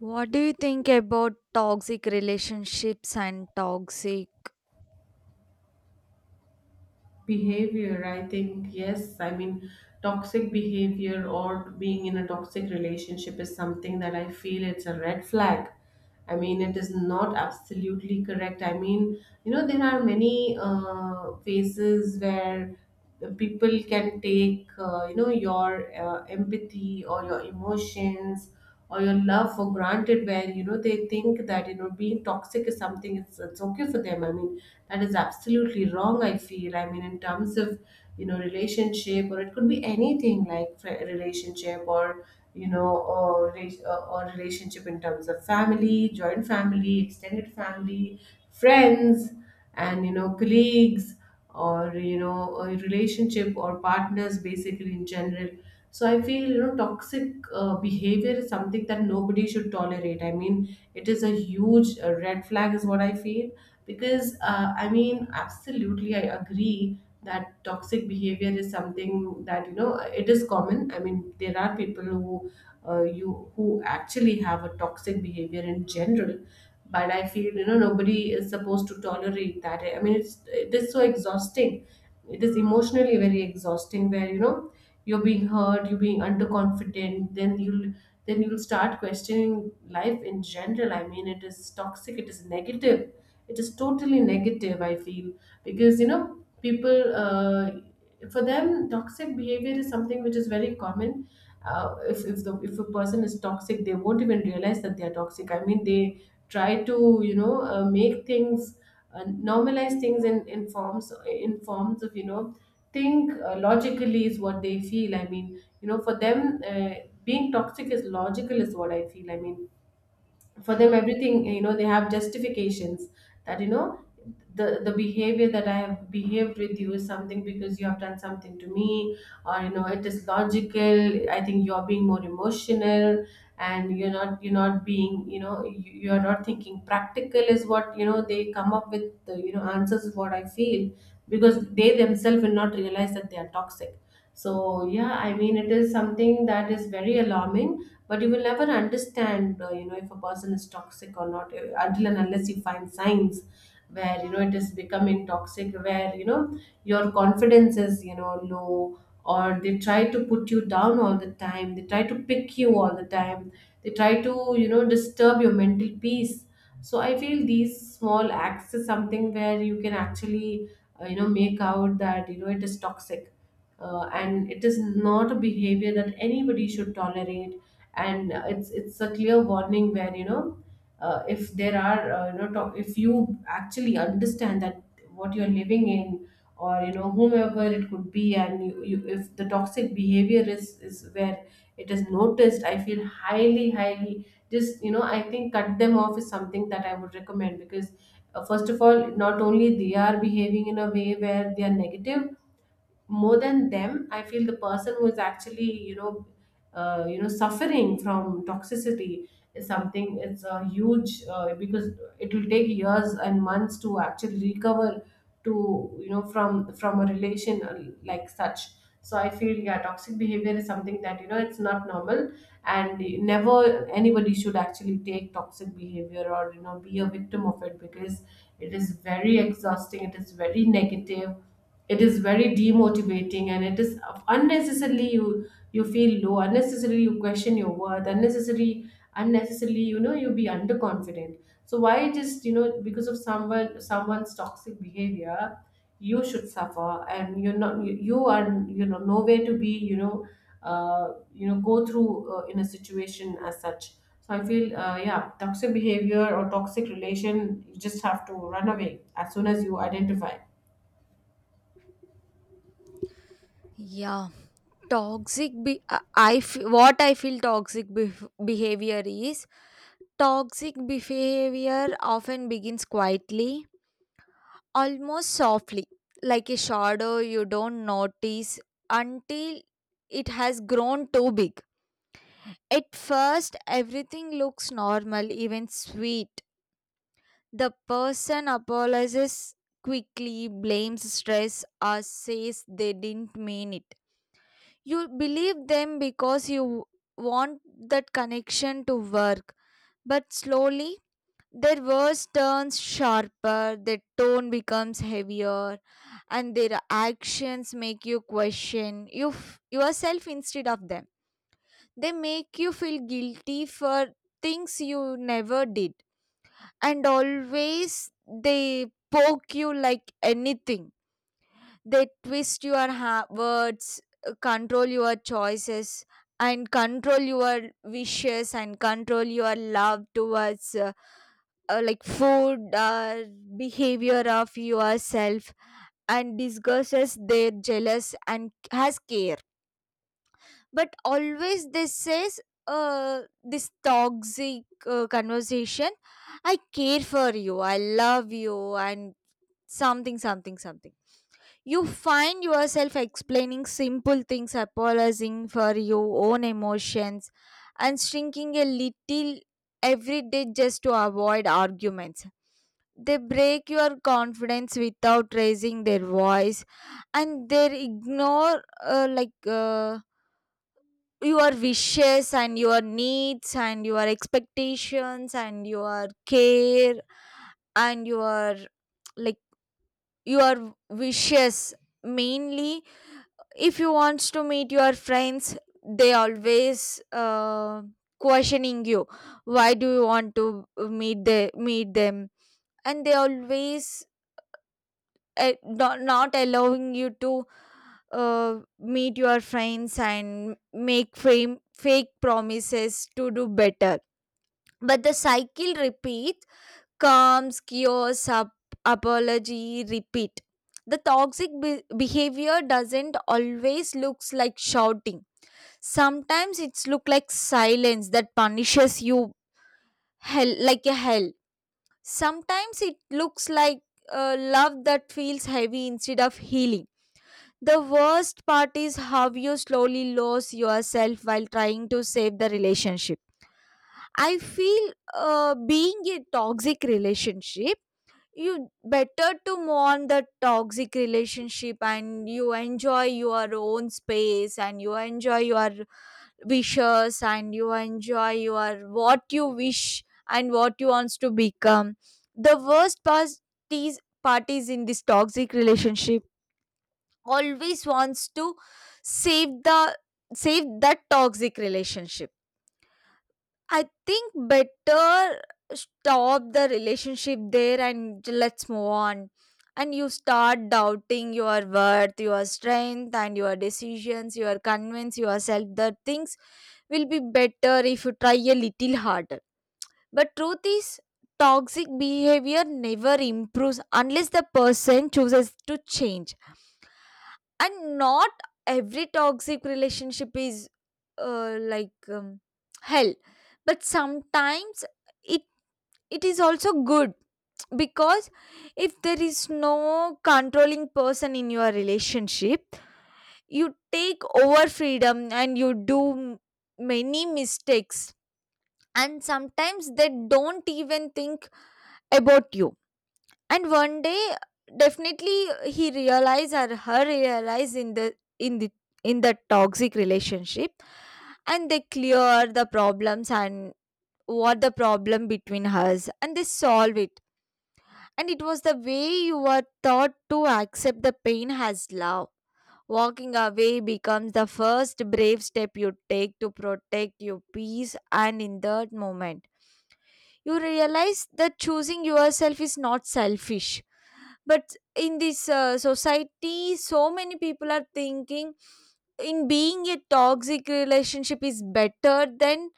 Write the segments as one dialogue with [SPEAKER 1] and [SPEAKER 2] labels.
[SPEAKER 1] What do you think about toxic relationships and
[SPEAKER 2] Behavior, I think, yes. I mean, toxic behavior or being in a toxic relationship is something that I feel it's a red flag. I mean, it is not absolutely correct. I mean, you know, there are many phases where the people can take, you know, your empathy or your emotions or your love for granted, where, you know, they think that, you know, being toxic is something, it's okay for them. I mean, that is absolutely wrong, I feel. I mean, in terms of, you know, relationship, or it could be anything like relationship, or you know, or relationship in terms of family, joint family, extended family, friends, and you know, colleagues, or you know, a relationship or partners, basically in general. So I feel, you know, toxic behavior is something that nobody should tolerate. I mean, it is a huge, red flag is what I feel, because I mean, absolutely, I agree that toxic behavior is something that, you know, it is common. I mean, there are people who you who actually have a toxic behavior in general. But I feel, you know, nobody is supposed to tolerate that. I mean, it is so exhausting. It is emotionally very exhausting, where, you know, you're being hurt, you're being underconfident, then you'll start questioning life in general. I mean, it is toxic, it is negative, it is totally negative, I feel. Because, you know, people, for them toxic behavior is something which is very common. Uh, if a person is toxic, they won't even realize that they are toxic. I mean, they try to, you know, make things, uh, normalize things in in forms of, you know, think logically is what they feel. I mean, you know, for them, being toxic is logical is what I feel. I mean, for them everything, you know, they have justifications that, you know, the behavior that I have behaved with you is something because you have done something to me. Or you know, it is logical, I think. You're being more emotional, and you're not being, you know, you're not thinking practical is what, you know, they come up with the, you know, answers is what I feel. Because they themselves will not realize that they are toxic. So yeah, I mean, it is something that is very alarming. But you will never understand, you know, if a person is toxic or not, until and unless you find signs where, you know, it is becoming toxic, where, you know, your confidence is, you know, low, or they try to put you down all the time, they try to pick you all the time, they try to, you know, disturb your mental peace. So I feel these small acts is something where you can actually, you know, make out that, you know, it is toxic. Uh, and it is not a behavior that anybody should tolerate. And it's a clear warning where, you know, if there are, you know, if you actually understand that what you're living in, or you know whomever it could be, and you, if the toxic behavior is where it is noticed, I feel, highly, highly, just, you know, I think cut them off is something that I would recommend. Because first of all, not only they are behaving in a way where they are negative, more than them I feel the person who is actually, you know, you know, suffering from toxicity is something, it's a huge, because it will take years and months to actually recover, to, you know, from a relation, like such. So I feel, yeah, toxic behavior is something that, you know, it's not normal. And never anybody should actually take toxic behavior, or you know, be a victim of it, because it is very exhausting, it is very negative, it is very demotivating, and it is unnecessarily, you feel low, unnecessarily you question your worth, unnecessarily, you know, you be underconfident. So why, just, you know, because of someone's toxic behavior, you should suffer? And you're not, you are, you know, nowhere to be, you know, you know, go through, in a situation as such. So I feel, yeah, toxic behavior or toxic relation, you just have to run away as soon as you identify.
[SPEAKER 1] Yeah, toxic? What I feel behavior is toxic behavior often begins quietly, almost softly, like a shadow you don't notice until it has grown too big. At first, everything looks normal, even sweet. The person apologizes quickly, blames stress, or says they didn't mean it. You believe them because you want that connection to work. But slowly, their words turns sharper, their tone becomes heavier, and their actions make you question yourself instead of them. They make you feel guilty for things you never did, and always they poke you like anything. They twist your words, control your choices, and control your wishes and control your love towards like food or behavior of yourself, and disguises their jealous and has care, but always this says, this toxic conversation, "I care for you, I love you," and something something something. You find yourself explaining simple things, apologizing for your own emotions, and shrinking a little every day just to avoid arguments. They break your confidence without raising their voice, and they ignore, your wishes and your needs and your expectations and your care and your, like, your wishes, mainly. If you wants to meet your friends, they always questioning you, why do you want to meet them, and they always, not allowing you to meet your friends, and make fake promises to do better, but the cycle repeats, comes cures up, apology repeat. The toxic behavior doesn't always looks like shouting. Sometimes it's look like silence that punishes you, hell, like a hell. Sometimes it looks like love that feels heavy instead of healing. The worst part is how you slowly lose yourself while trying to save the relationship. I feel being a toxic relationship, you better to move on the toxic relationship, and you enjoy your own space, and you enjoy your wishes, and you enjoy your what you wish and what you wants to become. The worst part is parties in this toxic relationship always wants to save the save that toxic relationship. I think better stop the relationship there and let's move on. And you start doubting your worth, your strength, and your decisions. You are convinced yourself that things will be better if you try a little harder. But truth is, toxic behavior never improves unless the person chooses to change, and not every toxic relationship is uh, like um, hell, but sometimes it, it is also good, because if there is no controlling person in your relationship, you take over freedom and you do many mistakes, and sometimes they don't even think about you. And one day, definitely, he realized or her realized in the in the toxic relationship, and they clear the problems, and what the problem between us, and they solve it. And it was the way you were taught to accept the pain as love. Walking away becomes the first brave step you take to protect your peace, and in that moment you realize that choosing yourself is not selfish. But in this society, so many people are thinking in being a toxic relationship is better than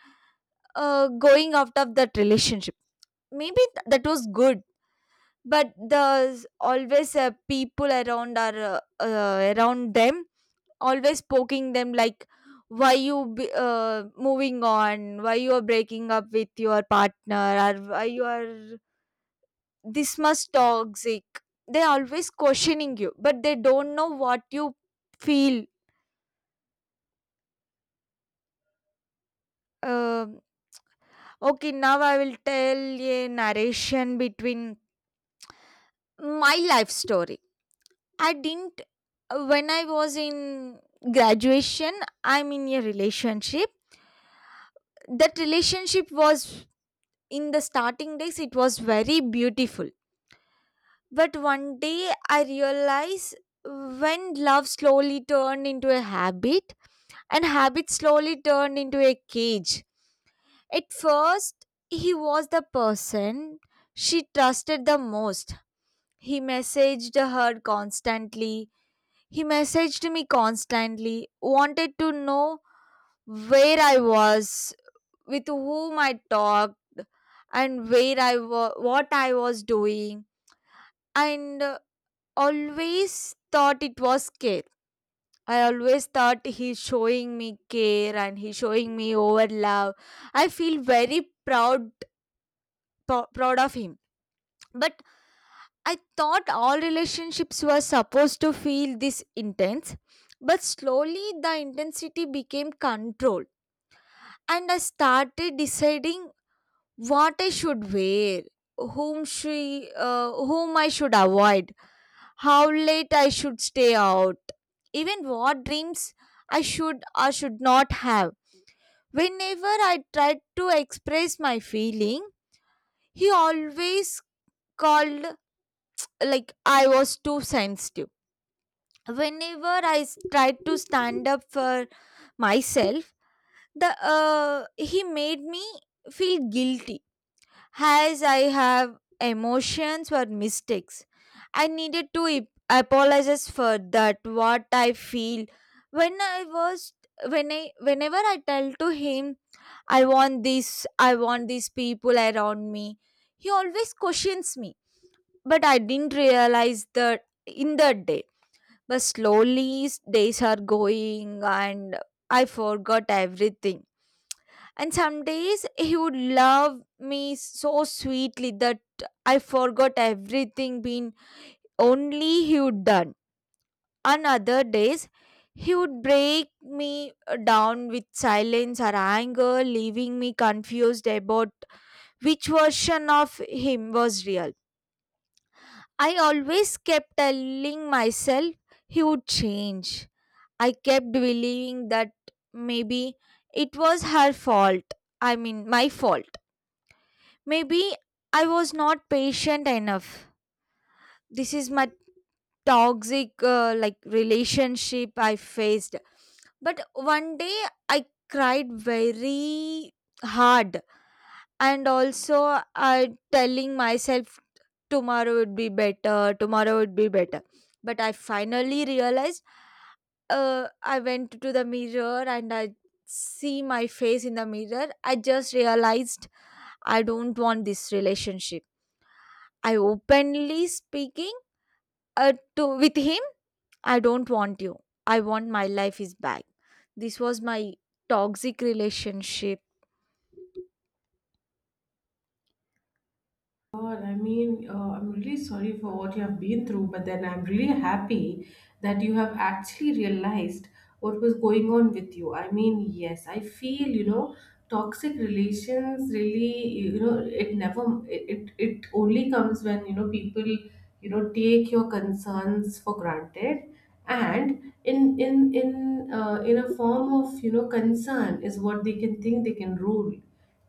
[SPEAKER 1] going out of that relationship. Maybe that was good, but the always people around are, around them, always poking them, like, why you moving on, why you are breaking up with your partner, or why you are this much toxic. They always questioning you, but they don't know what you feel. Um okay, now I will tell a narration between my life story. I didn't, when I was in graduation, I'm in a relationship. That relationship was, in the starting days it was very beautiful, but one day I realized, when love slowly turned into a habit, and habit slowly turned into a cage. At first, he was the person she trusted the most. He messaged her constantly. He messaged me constantly, wanted to know where I was, with whom I talked, and where what I was doing, and always thought it was scary. I always thought he's showing me care, and he's showing me over love. I feel very proud, proud of him. But I thought all relationships were supposed to feel this intense. But slowly the intensity became controlled, and I started deciding what I should wear, whom I should avoid, how late I should stay out, even what dreams I should or should not have. Whenever I tried to express my feeling, he always called like I was too sensitive. Whenever I tried to stand up for myself, the he made me feel guilty, as I have emotions or mistakes. I needed to apologize for that what I feel. when I was when I whenever I tell to him, I want these people around me, he always questions me. But I didn't realize that in that day. But slowly, days are going, and I forgot everything. And some days he would love me so sweetly that I forgot everything being only he would done. On other days he would break me down with silence or anger, leaving me confused about which version of him was real. I always kept telling myself he would change. I kept believing that maybe it was her fault. I mean, my fault. Maybe I was not patient enough. This is my toxic like relationship I faced. But one day I cried very hard, and also I telling myself, tomorrow would be better, tomorrow would be better. But I finally realized, I went to the mirror, and I see my face in the mirror, I just realized I don't want this relationship. I openly speaking to with him, I don't want you, I want my life is back. This was my toxic relationship.
[SPEAKER 2] God, I mean, I'm really sorry for what you have been through, but then I'm really happy that you have actually realized what was going on with you. I mean, yes, I feel, you know, toxic relations really, you know, it never, it only comes when, you know, people, you know, take your concerns for granted and in a form of, you know, concern is what they can think they can rule.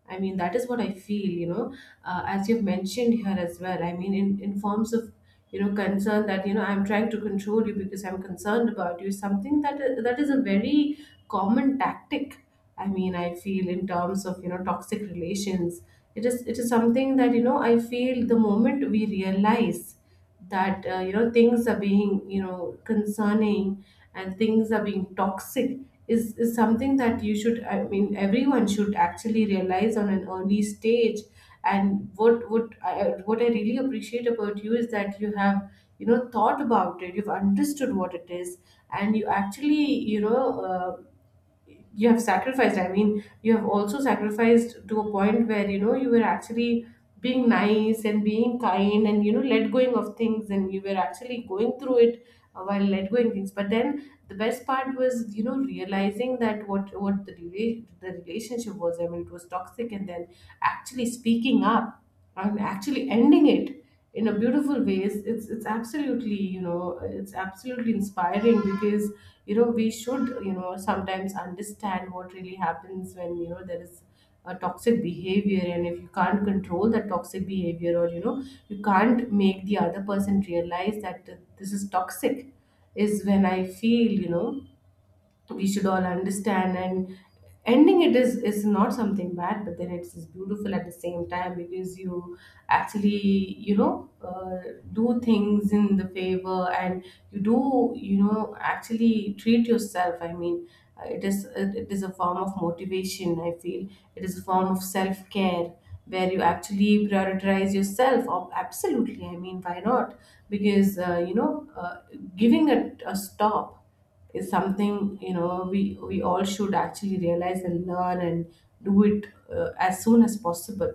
[SPEAKER 2] I mean, that is what I feel, you know, as you've mentioned here as well. I mean, in forms of, you know, concern that, you know, I'm trying to control you because I'm concerned about you, is something that is a very common tactic. I mean, I feel in terms of, you know, toxic relations. It is something that, you know, I feel the moment we realize that, you know, things are being, you know, concerning, and things are being toxic is something that you should, I mean, everyone should actually realize on an early stage. And what I, what I really appreciate about you is that you have, you know, thought about it, you've understood what it is, and you actually, you know, you have sacrificed. I mean, you have also sacrificed to a point where, you know, you were actually being nice and being kind, and you know, let going of things, and you were actually going through it, while let going things. But then the best part was, you know, realizing that what the relationship was. I mean, it was toxic, and then actually speaking up, I'm actually ending it in a beautiful way. It's absolutely, you know, it's absolutely inspiring. Because, you know, we should, you know, sometimes understand what really happens when, you know, there is a toxic behavior, and if you can't control that toxic behavior, or you know, you can't make the other person realize that, this is toxic, is when I feel, you know, we should all understand. And ending it is not something bad, but then it's beautiful at the same time, because you actually, you know, do things in the favor. And you do, you know, actually treat yourself. I mean, it is a form of motivation, I feel. It is a form of self care, where you actually prioritize yourself. Absolutely, I mean, why not? Because you know, giving it a stop is something, you know, we all should actually realize and learn and do it, as soon as possible.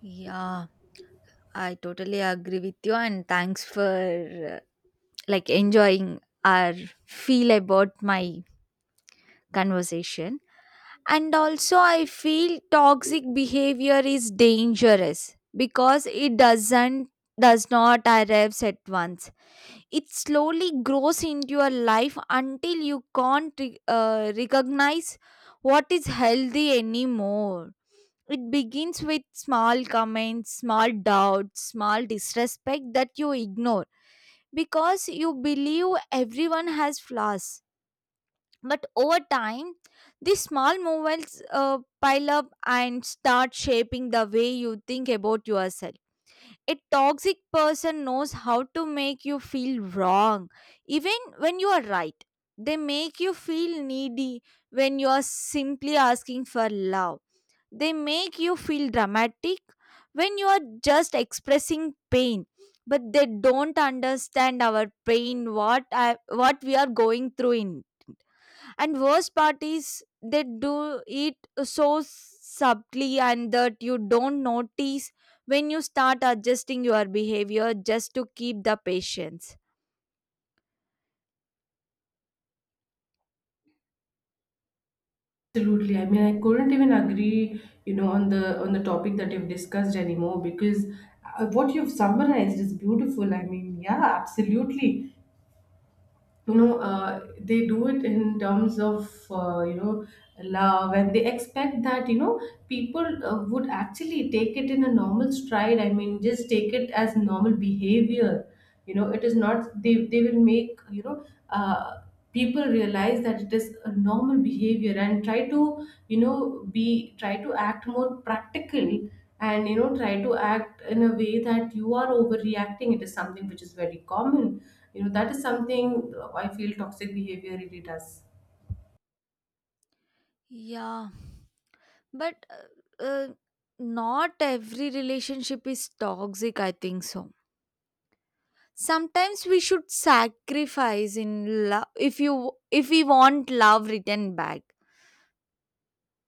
[SPEAKER 1] Yeah, I totally agree with you, and thanks for uh, like enjoying our feel about my conversation. And also, I feel toxic behavior is dangerous because it does not arrives at once. It slowly grows into your life until you can't recognize what is healthy anymore. It begins with small comments, small doubts, small disrespect that you ignore, because you believe everyone has flaws. But over time, these small movements pile up and start shaping the way you think about yourself. A toxic person knows how to make you feel wrong, even when you are right. They make you feel needy when you are simply asking for love. They make you feel dramatic when you are just expressing pain, but they don't understand our pain, what I, what we are going through in. And worst part is they do it so subtly and that you don't notice when you start adjusting your behavior just to keep the patience.
[SPEAKER 2] Absolutely, I mean, I couldn't even agree, you know, on the topic that you've discussed anymore. Because what you've summarized is beautiful. I mean, yeah, absolutely, you know, they do it in terms of, you know, love, and they expect that, you know, people, would actually take it in a normal stride. I mean, just take it as normal behavior. You know, it is not, they will make, you know, uh, people realize that it is a normal behavior, and try to, you know, be, try to act more practical, and you know, try to act in a way that you are overreacting, it is something which is very common. You know, that is something, I feel toxic behavior really does.
[SPEAKER 1] Yeah, but not every relationship is toxic, I think so. Sometimes we should sacrifice in love, if you, if we want love written back.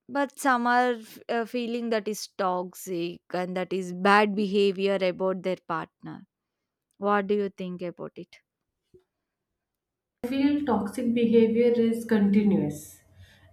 [SPEAKER 1] But some are feeling that is toxic, and that is bad behavior about their partner. What do you think about it?
[SPEAKER 2] I feel toxic behavior is continuous.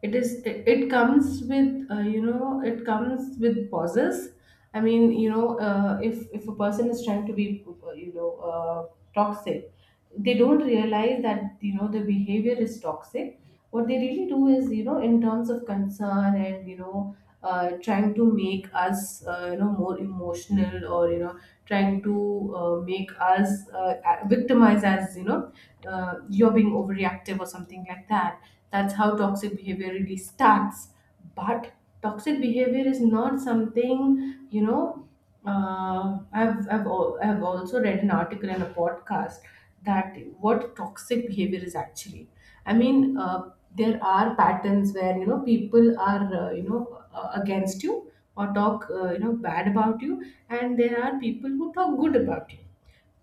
[SPEAKER 2] It comes with, you know, it comes with pauses. I mean, you know, if a person is trying to be, you know, toxic, they don't realize that, you know, the behavior is toxic. What they really do is, you know, in terms of concern, and you know, trying to make us, you know, more emotional, or you know, trying to, make us, victimize us, you know, you're being overreactive or something like that. That's how toxic behavior really starts. But toxic behavior is not something, you know, I've also read an article in a podcast that what toxic behavior is actually. I mean, there are patterns where, you know, people are, you know, against you, or talk, you know, bad about you. And there are people who talk good about you.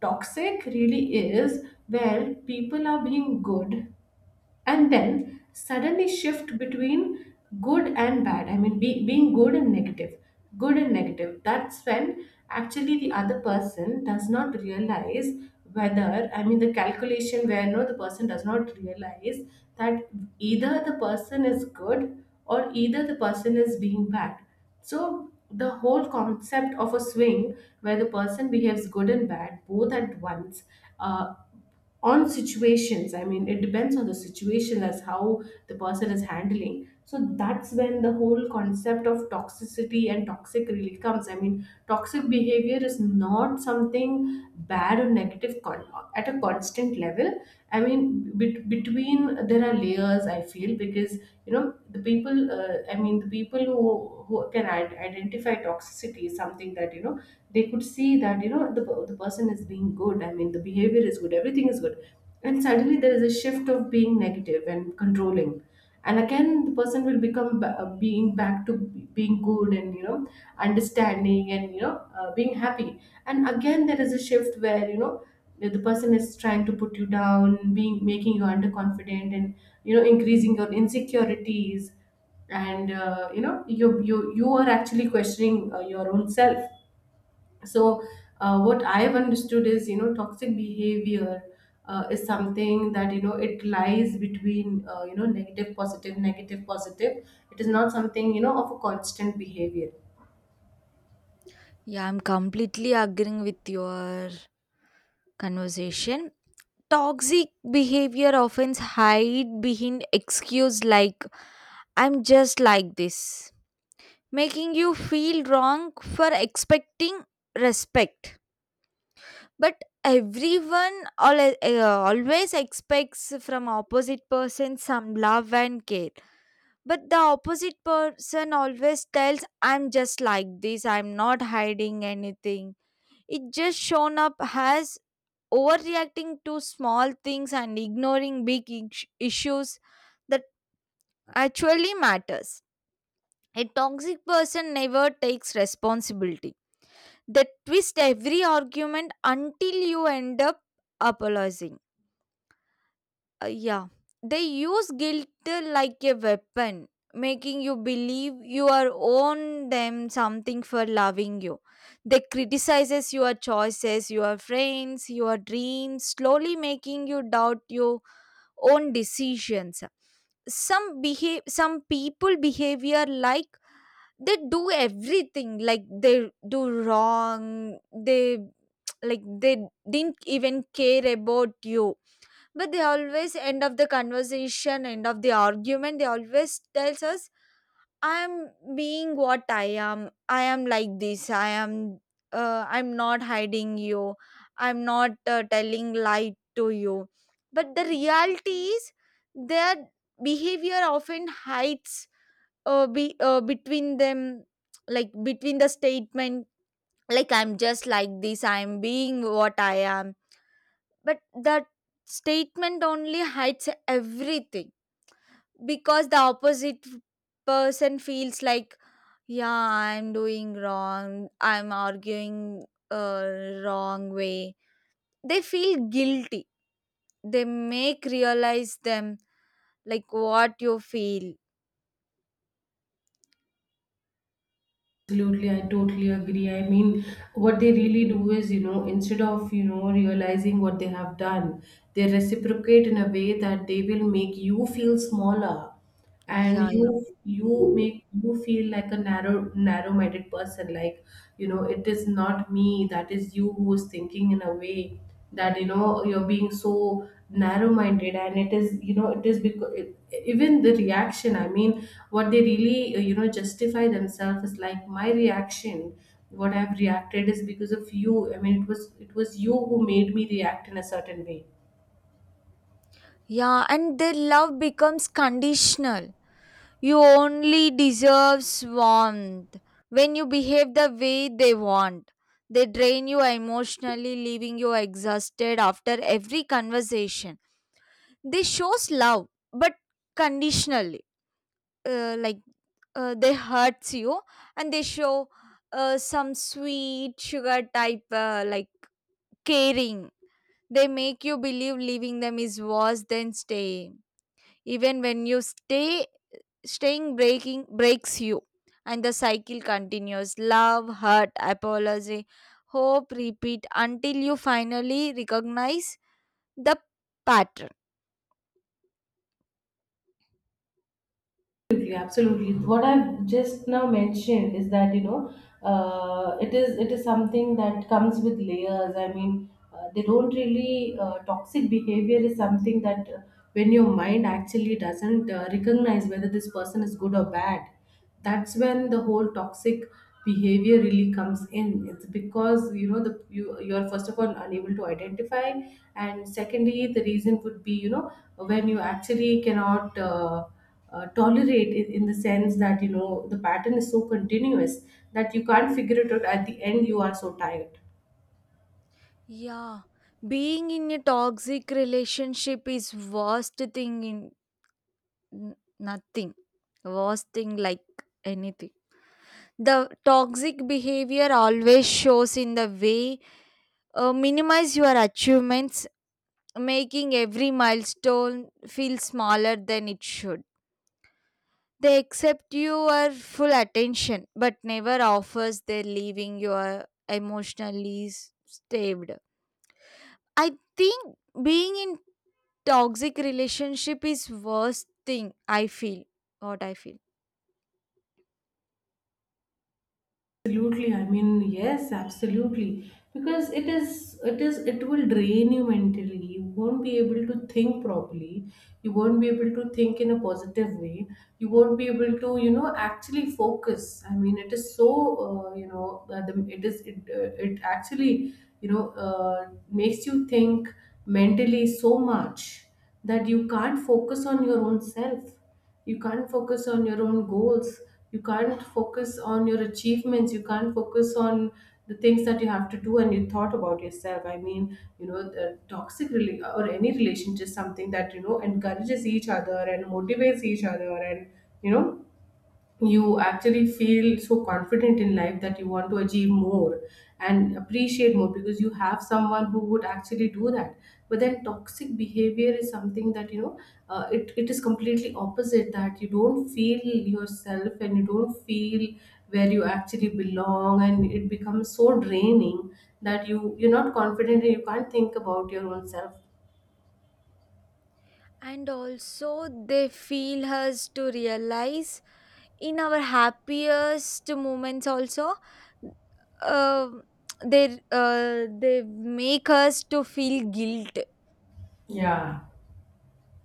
[SPEAKER 2] Toxic really is where people are being good and then suddenly shift between good and bad. Being good and negative, good and negative, that's when actually the other person does not realize. Whether I mean The calculation where, no, the person does not realize that either the person is good or either the person is being bad. So the whole concept of a swing where the person behaves good and bad both at once, uh, on situations. It depends on the situation as how the person is handling. So that's when the whole concept of toxicity and toxic really comes. Toxic behavior is not something bad or negative at a constant level. I mean, between, there are layers, I feel, because you know the people. I mean, the people who can identify toxicity is something that, you know, they could see that, you know, the the person is being good. I mean, the behavior is good. Everything is good, and suddenly there is a shift of being negative and controlling. And again, the person will become being back to being good and, you know, understanding and, you know, being happy. And again, there is a shift where, you know, if the person is trying to put you down, being making you underconfident and, you know, increasing your insecurities and you know, you are actually questioning your own self. So what I have understood is, you know, toxic behavior, is something that, you know, it lies between, you know, negative, positive, negative, positive. It is not something, you know, of a constant behavior.
[SPEAKER 1] Yeah, I'm completely agreeing with your conversation. Toxic behavior often hide behind excuse like, "I'm just like this," making you feel wrong for expecting respect. But everyone, al always expects from opposite person some love and care, but the opposite person always tells, "I'm just like this, I'm not hiding anything." It just shown up as overreacting to small things and ignoring big issues that actually matters. A toxic person never takes responsibility. They twist every argument until you end up apologizing. Yeah, they use guilt like a weapon, making you believe you are own them something for loving you. They criticizes your choices, your friends, your dreams, slowly making you doubt you own decisions. Some behave some people behavior like, they do everything like they do wrong, they like they didn't even care about you. But they always end of the conversation, end of the argument, they always tells us, "I'm being what I am. I am like this, I am, I'm not hiding you, I'm not telling lie to you." But the reality is their behavior often hides between them, like between the statement, like, "I'm just like this, I'm being what I am." But that statement only hides everything, because the opposite person feels like, yeah, I'm doing wrong, I'm arguing uh, wrong way. They feel guilty. They make realize them like what you feel.
[SPEAKER 2] Absolutely, I totally agree. I mean, what they really do is, you know, instead of, you know, realizing what they have done, they reciprocate in a way that they will make you feel smaller and
[SPEAKER 1] Yeah,
[SPEAKER 2] you
[SPEAKER 1] yeah.
[SPEAKER 2] you make you feel like a narrow-minded person. Like, you know, it is not me, that is you who is thinking in a way that, you know, you're being so narrow minded, and it is, you know, it is because even the reaction. What they really you know, justify themselves is like, my reaction, what I've reacted, is because of you. I mean, it was you who made me react in a certain way.
[SPEAKER 1] Yeah, and their love becomes conditional. You only deserve warmth when you behave the way they want. They drain you emotionally, leaving you exhausted after every conversation. They shows love, but conditionally, uh, like they hurts you, and they show some sweet sugar type like caring. They make you believe leaving them is worse than staying. Even when you stay, staying breaking breaks you, and the cycle continues, love, hurt, apology, hope, repeat, until you finally recognize the pattern.
[SPEAKER 2] Absolutely, absolutely. What I've just now mentioned is that, you know, it is, it is something that comes with layers. I mean, they don't really toxic behavior is something that, when your mind actually doesn't recognize whether this person is good or bad, that's when the whole toxic behavior really comes in. It's because, you know, the you're first of all unable to identify, and secondly the reason would be, you know, when you actually cannot tolerate it, in the sense that, you know, the pattern is so continuous that you can't figure it out. At the end, you are so tired.
[SPEAKER 1] Yeah, being in a toxic relationship is worst thing in nothing, worst thing like anything. The toxic behavior always shows in the way minimize your achievements, making every milestone feel smaller than it should. They accept your full attention but never offers their, leaving your emotionally starved. I think being in toxic relationship is worst thing I feel, what I feel.
[SPEAKER 2] Absolutely. I mean, yes, absolutely. Because it is, it is, it will drain you mentally. You won't be able to think properly. You won't be able to think in a positive way. You won't be able to, you know, actually focus. I mean, it is so you know, it is it actually, you know, makes you think mentally so much that you can't focus on your own self. You can't focus on your own goals. You can't focus on your achievements. You can't focus on the things that you have to do and you thought about yourself. I mean, you know, the or any relationship is something that, you know, encourages each other and motivates each other, and, you know, you actually feel so confident in life that you want to achieve more and appreciate more because you have someone who would actually do that. But then toxic behavior is something that, you know, it is completely opposite, that you don't feel yourself and you don't feel where you actually belong, and it becomes so draining that you're not confident and you can't think about your own self.
[SPEAKER 1] And also they feel us to realize in our happiest moments also, uh, they make us to feel guilt.
[SPEAKER 2] Yeah.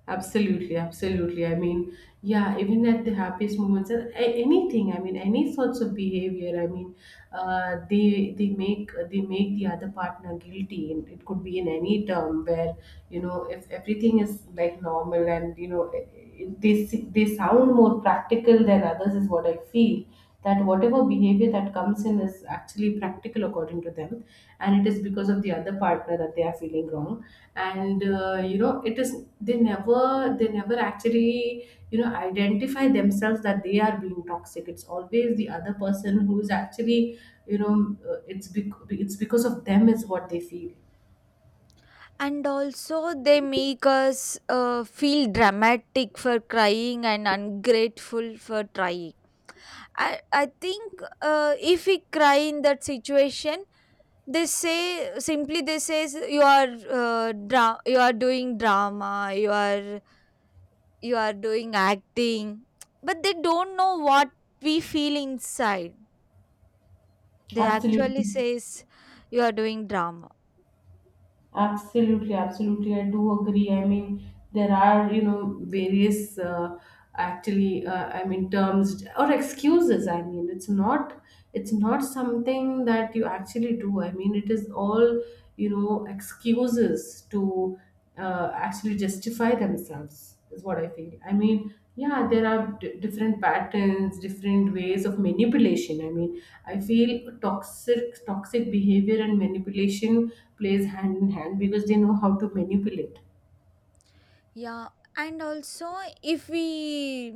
[SPEAKER 2] Absolutely, absolutely. I mean, yeah, even at the happiest moments, and anything. I mean, any sorts of behavior. I mean, they make the other partner guilty, and it could be in any term where, you know, if everything is like normal and, you know, they they sound more practical than others is what I feel, that whatever behavior that comes in is actually practical according to them, and it is because of the other partner that they are feeling wrong. And you know, it is, they never actually, you know, identify themselves that they are being toxic. It's always the other person who is actually, you know, it's because of them, is what they feel.
[SPEAKER 1] And also they make us feel dramatic for crying and ungrateful for trying. I think if we cry in that situation, they say simply, they says, you are, you are doing drama, you are, you are doing acting, but they don't know what we feel inside. They
[SPEAKER 2] Absolutely.
[SPEAKER 1] actually says you are doing drama.
[SPEAKER 2] Absolutely, absolutely. I do agree. I mean, there are, you know, various actually, I mean, terms or excuses. I mean, it's not something that you actually do. I mean, it is all, you know, excuses to actually justify themselves, is what I feel. I mean, yeah, there are different patterns, different ways of manipulation. I mean, I feel toxic behavior and manipulation plays hand in hand because they know how to manipulate.
[SPEAKER 1] Yeah, and also if we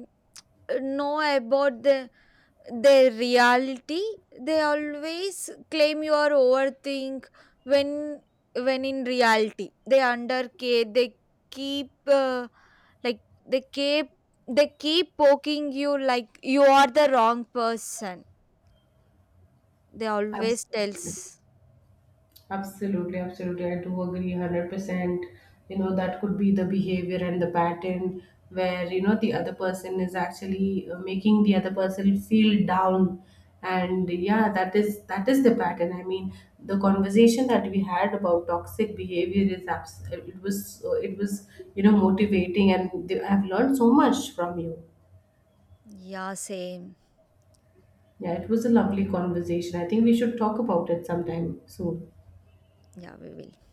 [SPEAKER 1] know about the their reality, they always claim you are overthink, when in reality they undercare, they keep they keep, they keep poking you like you are the wrong person. They always
[SPEAKER 2] Absolutely.
[SPEAKER 1] tells.
[SPEAKER 2] Absolutely, absolutely. I do agree 100%. You know, that could be the behavior and the pattern where, you know, the other person is actually making the other person feel down. And yeah, that is, that is the pattern. I mean, the conversation that we had about toxic behavior is it was, it was, you know, motivating, and I've learned so much from you.
[SPEAKER 1] Yeah, same.
[SPEAKER 2] Yeah, it was a lovely conversation. I think we should talk about it sometime soon.
[SPEAKER 1] Yeah, we will.